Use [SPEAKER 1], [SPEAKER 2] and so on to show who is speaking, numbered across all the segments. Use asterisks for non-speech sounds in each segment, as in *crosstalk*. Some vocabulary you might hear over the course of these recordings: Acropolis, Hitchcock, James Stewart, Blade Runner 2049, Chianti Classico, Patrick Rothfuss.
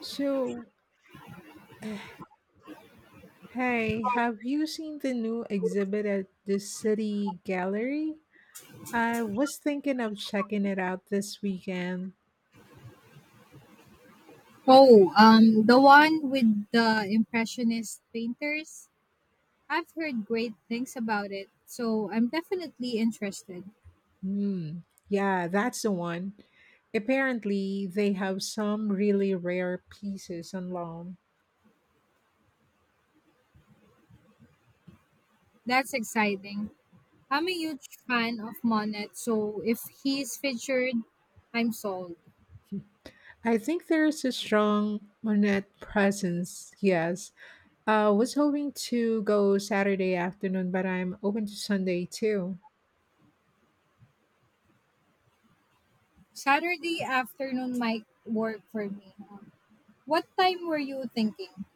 [SPEAKER 1] So, *sighs* uh, hey, have you seen the new exhibit at the City Gallery? I was thinking of checking it out this weekend.
[SPEAKER 2] Oh, the one with the impressionist painters. I've heard great things about it, so I'm definitely interested.
[SPEAKER 1] Hmm, yeah, that's the one. Apparently, they have some really rare pieces on loan.
[SPEAKER 2] That's exciting. I'm a huge fan of Monet, so if he's featured, I'm sold.
[SPEAKER 1] I think there's a strong Monet presence, yes. I was hoping to go Saturday afternoon, but I'm open to Sunday too.
[SPEAKER 2] Saturday afternoon might work for me. What time were you thinking?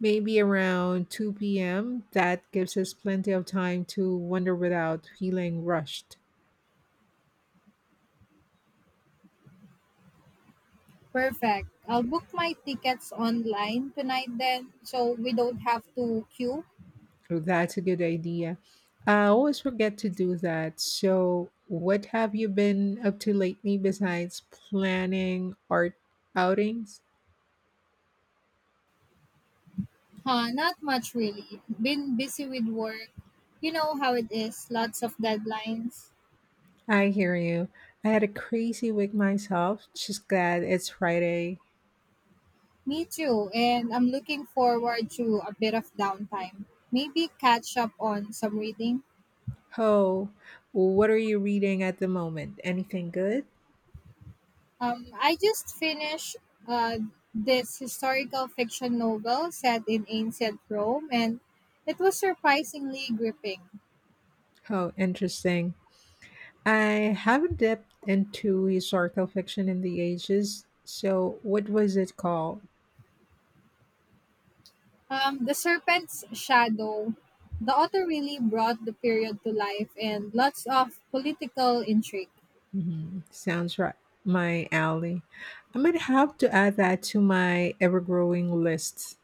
[SPEAKER 1] Maybe around 2 p.m. That gives us plenty of time to wander without feeling rushed.
[SPEAKER 2] Perfect. I'll book my tickets online tonight then, so we don't have to queue.
[SPEAKER 1] So that's a good idea. I always forget to do that. So, what have you been up to lately besides planning art outings?
[SPEAKER 2] Huh, not much really. Been busy with work. You know how it is, lots of deadlines.
[SPEAKER 1] I hear you. I had a crazy week myself. Just glad it's Friday.
[SPEAKER 2] Me too, and I'm looking forward to a bit of downtime. Maybe catch up on some reading.
[SPEAKER 1] Oh, what are you reading at the moment? Anything good?
[SPEAKER 2] I just finished uh, this historical fiction novel set in ancient Rome, and it was surprisingly gripping.
[SPEAKER 1] Oh, interesting. I haven't dipped into historical fiction in the ages. So, what was it called?
[SPEAKER 2] The Serpent's Shadow. The author really brought the period to life, and lots of political intrigue.
[SPEAKER 1] Sounds right. My alley. I might have to add that to my ever growing list.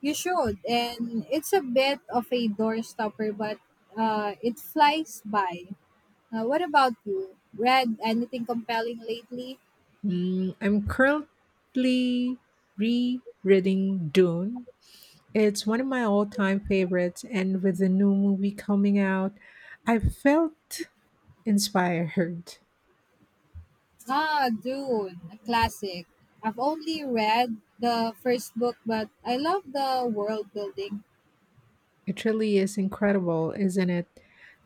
[SPEAKER 2] You should, and it's a bit of a doorstopper, but it flies by. What about you? Read anything compelling lately?
[SPEAKER 1] I'm currently rereading Dune. It's one of my all time favorites, and with the new movie coming out, I felt inspired.
[SPEAKER 2] Ah, Dune, a classic. I've only read the first book, but I love the world building.
[SPEAKER 1] It really is incredible, isn't it?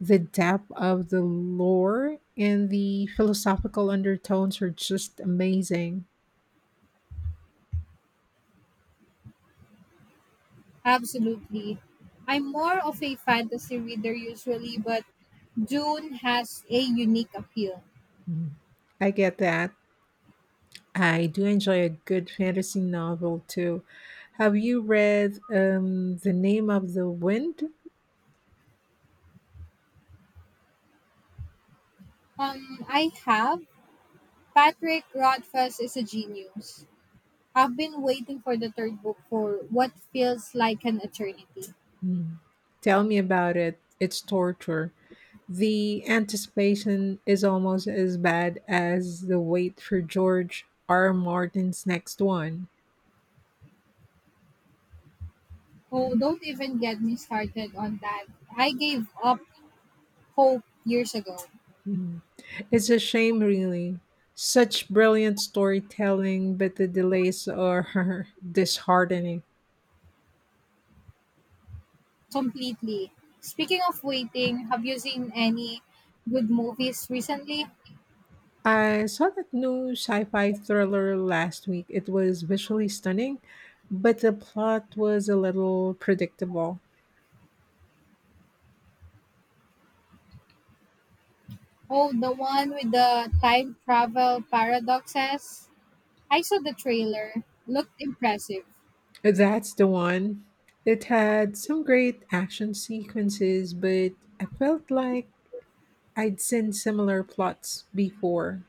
[SPEAKER 1] The depth of the lore and the philosophical undertones are just amazing.
[SPEAKER 2] Absolutely. I'm more of a fantasy reader usually, but Dune has a unique appeal.
[SPEAKER 1] Mm. I get that. I do enjoy a good fantasy novel too. Have you read The Name of the Wind?
[SPEAKER 2] I have. Patrick Rothfuss is a genius. I've been waiting for the third book for what feels like an eternity.
[SPEAKER 1] Mm. Tell me about it. It's torture. The anticipation is almost as bad as the wait for George R. Martin's next one.
[SPEAKER 2] Oh, don't even get me started on that. I gave up hope years ago.
[SPEAKER 1] It's a shame, really. Such brilliant storytelling, but the delays are *laughs* disheartening.
[SPEAKER 2] Completely. Speaking of waiting, have you seen any good movies recently?
[SPEAKER 1] I saw that new sci fi thriller last week. It was visually stunning, but the plot was a little predictable.
[SPEAKER 2] Oh, the one with the time travel paradoxes? I saw the trailer. Looked impressive.
[SPEAKER 1] That's the one. It had some great action sequences, but I felt like I'd seen similar plots before.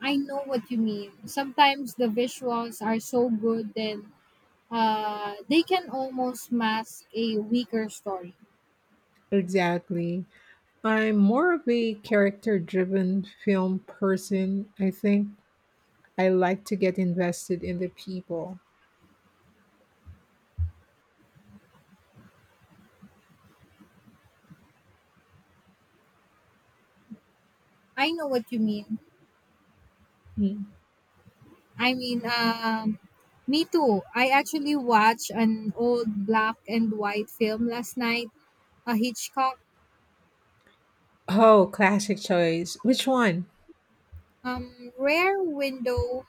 [SPEAKER 2] I know what you mean. Sometimes the visuals are so good, then they can almost mask a weaker story.
[SPEAKER 1] Exactly. I'm more of a character driven film person, I think. I like to get invested in the people.
[SPEAKER 2] I know what you mean.
[SPEAKER 1] Hmm.
[SPEAKER 2] I mean, me too. I actually watched an old black and white film last night, a Hitchcock
[SPEAKER 1] Oh, classic choice. Which one?
[SPEAKER 2] rare window.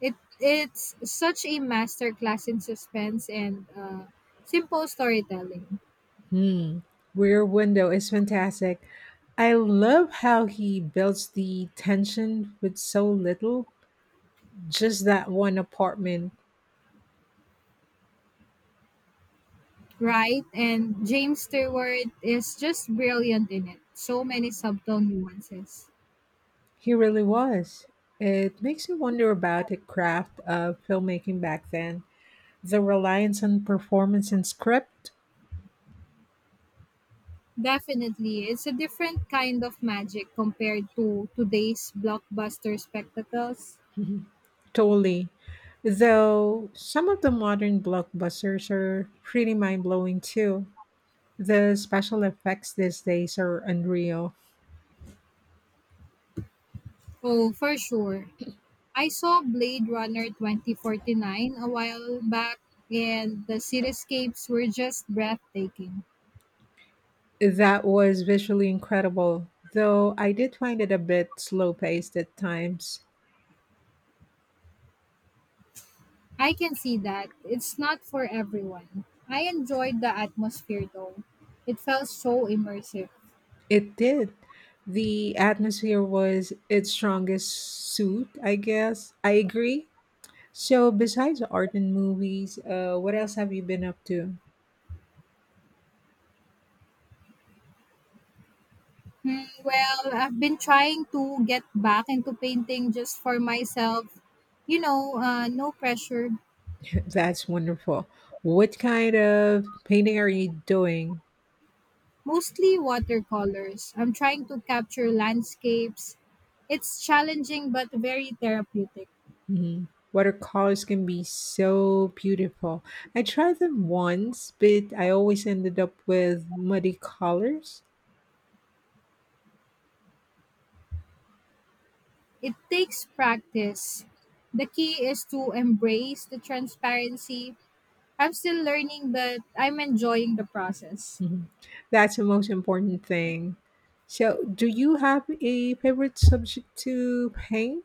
[SPEAKER 2] It's such a masterclass in suspense and simple storytelling,
[SPEAKER 1] Hmm. Rear Window is fantastic. I love how he builds the tension with so little, just that one apartment.
[SPEAKER 2] right? And James Stewart is just brilliant in it. So many subtle nuances.
[SPEAKER 1] He really was. It makes me wonder about the craft of filmmaking back then, the reliance on performance and script.
[SPEAKER 2] Definitely, it's a different kind of magic compared to today's blockbuster spectacles.
[SPEAKER 1] Totally. Though some of the modern blockbusters are pretty mind blowing too. The special effects these days are unreal.
[SPEAKER 2] Oh, for sure. I saw Blade Runner 2049 a while back, and the cityscapes were just breathtaking.
[SPEAKER 1] That was visually incredible, though I did find it a bit slow paced at times.
[SPEAKER 2] I can see that. It's not for everyone. I enjoyed the atmosphere though. It felt so immersive.
[SPEAKER 1] It did. The atmosphere was its strongest suit, I guess. I agree. So, besides art and movies, what else have you been up to?
[SPEAKER 2] Hmm, well, I've been trying to get back into painting just for myself. You know, no pressure.
[SPEAKER 1] That's wonderful. What kind of painting are you doing?
[SPEAKER 2] Mostly watercolors. I'm trying to capture landscapes. It's challenging but very therapeutic.
[SPEAKER 1] Mhm. Watercolors can be so beautiful. I tried them once, but I always ended up with muddy colors.
[SPEAKER 2] It takes practice. The key is to embrace the transparency. I'm still learning, but I'm enjoying the process.
[SPEAKER 1] Mhm. That's the most important thing. So, do you have a favorite subject to paint?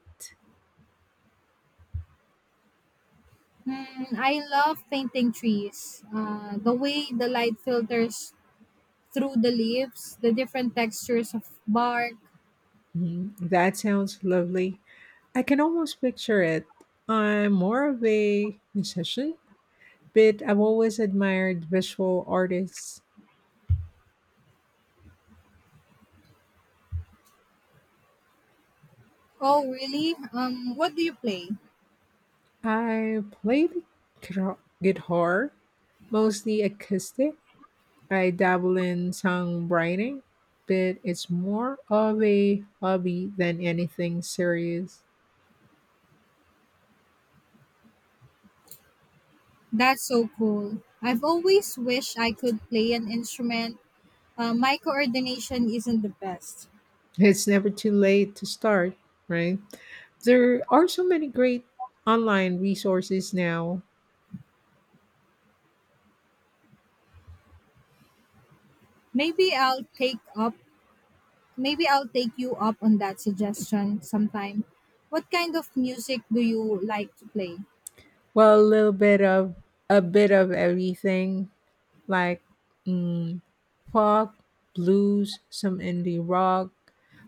[SPEAKER 2] Hmm, I love painting trees. The way the light filters through the leaves, the different textures of bark.
[SPEAKER 1] Mhm. That sounds lovely. I can almost picture it. I'm more of a musician, but I've always admired visual artists.
[SPEAKER 2] Oh, really? What do you play?
[SPEAKER 1] I play the guitar, mostly acoustic. I dabble in songwriting, but it's more of a hobby than anything serious.
[SPEAKER 2] That's so cool. I've always wished I could play an instrument. My coordination isn't the best.
[SPEAKER 1] *laughs* It's never too late to start, right? There are so many great online resources now.
[SPEAKER 2] Maybe I'll take up Maybe I'll take you up on that suggestion sometime. What kind of music do you like to play?
[SPEAKER 1] Well, a bit of everything, like mm, folk, blues, some indie rock,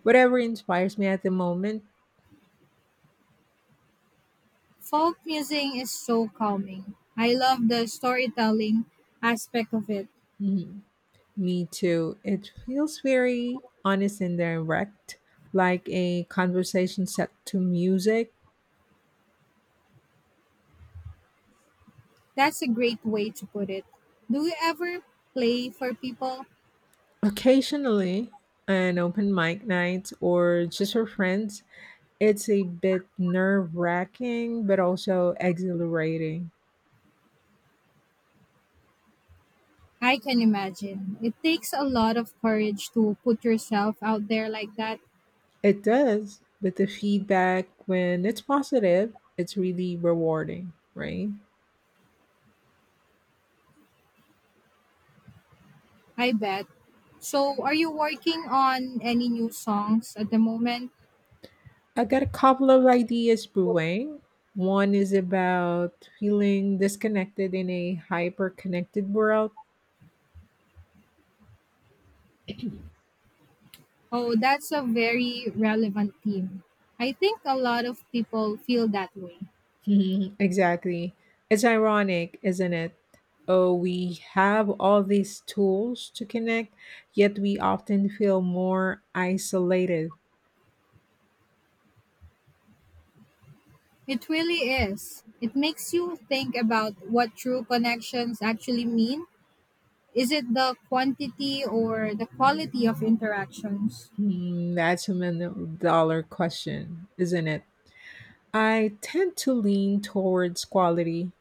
[SPEAKER 1] whatever inspires me at the moment.
[SPEAKER 2] Folk music is so calming. I love the storytelling aspect of it.
[SPEAKER 1] Mhm. Me too. It feels very honest and direct, like a conversation set to music.
[SPEAKER 2] That's a great way to put it. Do you ever play for people?
[SPEAKER 1] Occasionally, an open mic night or just for friends, it's a bit nerve wracking but also exhilarating.
[SPEAKER 2] I can imagine. It takes a lot of courage to put yourself out there like that,
[SPEAKER 1] It does, but the feedback when it's positive, it's really rewarding, right?
[SPEAKER 2] I bet. So, are you working on any new songs at the moment?
[SPEAKER 1] I got a couple of ideas brewing. One is about feeling disconnected in a hyper connected world.
[SPEAKER 2] Oh, that's a very relevant theme. I think a lot of people feel that way.
[SPEAKER 1] *laughs* Exactly. It's ironic, isn't it? Oh, we have all these tools to connect, yet we often feel more isolated.
[SPEAKER 2] It really is. It makes you think about what true connections actually mean. Is it the quantity or the quality of interactions?
[SPEAKER 1] That's a million dollar question, isn't it? I tend to lean towards quality.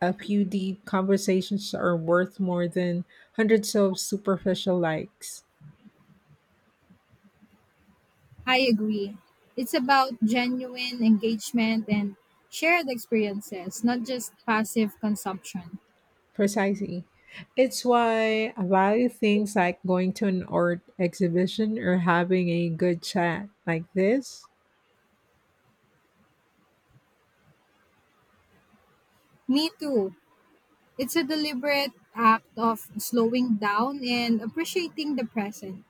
[SPEAKER 1] A few deep conversations are worth more than hundreds of superficial likes.
[SPEAKER 2] I agree. It's about genuine engagement and shared experiences, not just passive consumption.
[SPEAKER 1] Precisely. It's why I value things like going to an art exhibition or having a good chat like this.
[SPEAKER 2] Me too. It's a deliberate act of slowing down and appreciating the present.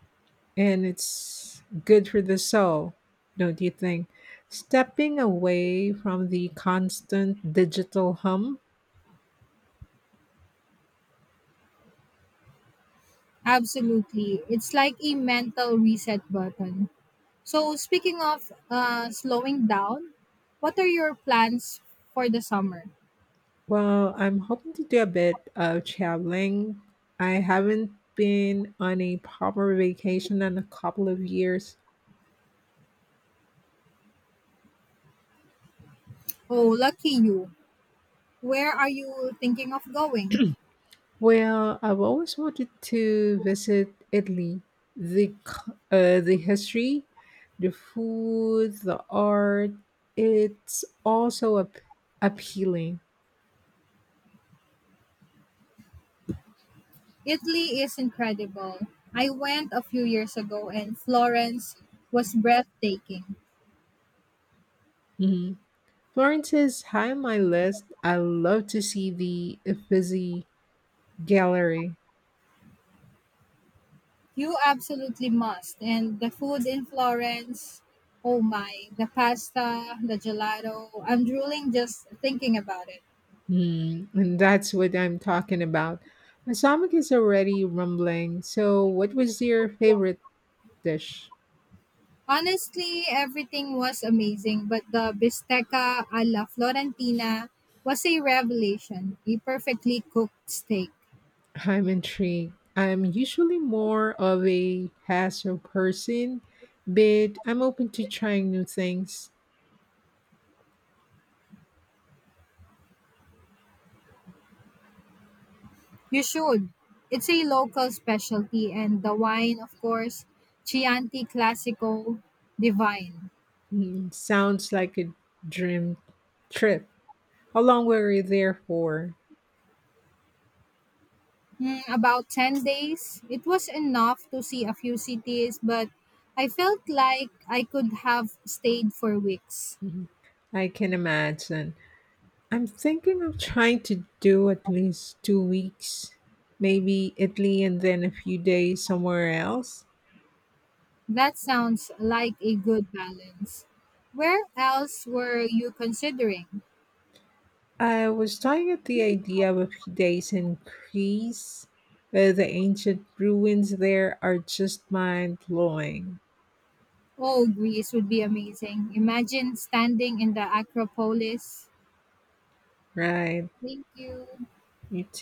[SPEAKER 1] And it's good for the soul, don't you think? Stepping away from the constant digital hum.
[SPEAKER 2] Absolutely. It's like a mental reset button. So, speaking of slowing down, what are your plans for the summer?
[SPEAKER 1] Well, I'm hoping to do a bit of traveling. I haven't been on a proper vacation in a couple of years.
[SPEAKER 2] Oh, lucky you. Where are you thinking of going?
[SPEAKER 1] Well, I've always wanted to visit Italy. The history, the food, the art, it's also appealing.
[SPEAKER 2] Italy is incredible. I went a few years ago and Florence was breathtaking.
[SPEAKER 1] Mhm. Florence is high on my list. I love to see the Uffizi Gallery.
[SPEAKER 2] You absolutely must. And the food in Florence, oh my, the pasta, the gelato, I'm drooling just thinking about it.
[SPEAKER 1] Mm, and that's what I'm talking about. My stomach is already rumbling. So, what was your favorite dish?
[SPEAKER 2] Honestly, everything was amazing, but the bistecca alla Florentina was a revelation, a perfectly cooked steak.
[SPEAKER 1] I'm intrigued. I'm usually more of a hassle person, but I'm open to trying new things.
[SPEAKER 2] You should. It's a local specialty, and the wine, of course, Chianti Classico Divine.
[SPEAKER 1] Mm, sounds like a dream trip. How long were you there for?
[SPEAKER 2] Mm, about 10 days, it was enough to see a few cities, but I felt like I could have stayed for weeks.
[SPEAKER 1] Mhm. I can imagine. I'm thinking of trying to do at least 2 weeks, maybe Italy and then a few days somewhere else.
[SPEAKER 2] That sounds like a good balance. Where else were you considering?
[SPEAKER 1] I was toying at the idea of a few days in Greece, but the ancient ruins there are just mind blowing,
[SPEAKER 2] Oh, Greece would be amazing. Imagine standing in the Acropolis.
[SPEAKER 1] right?
[SPEAKER 2] Thank you.
[SPEAKER 1] You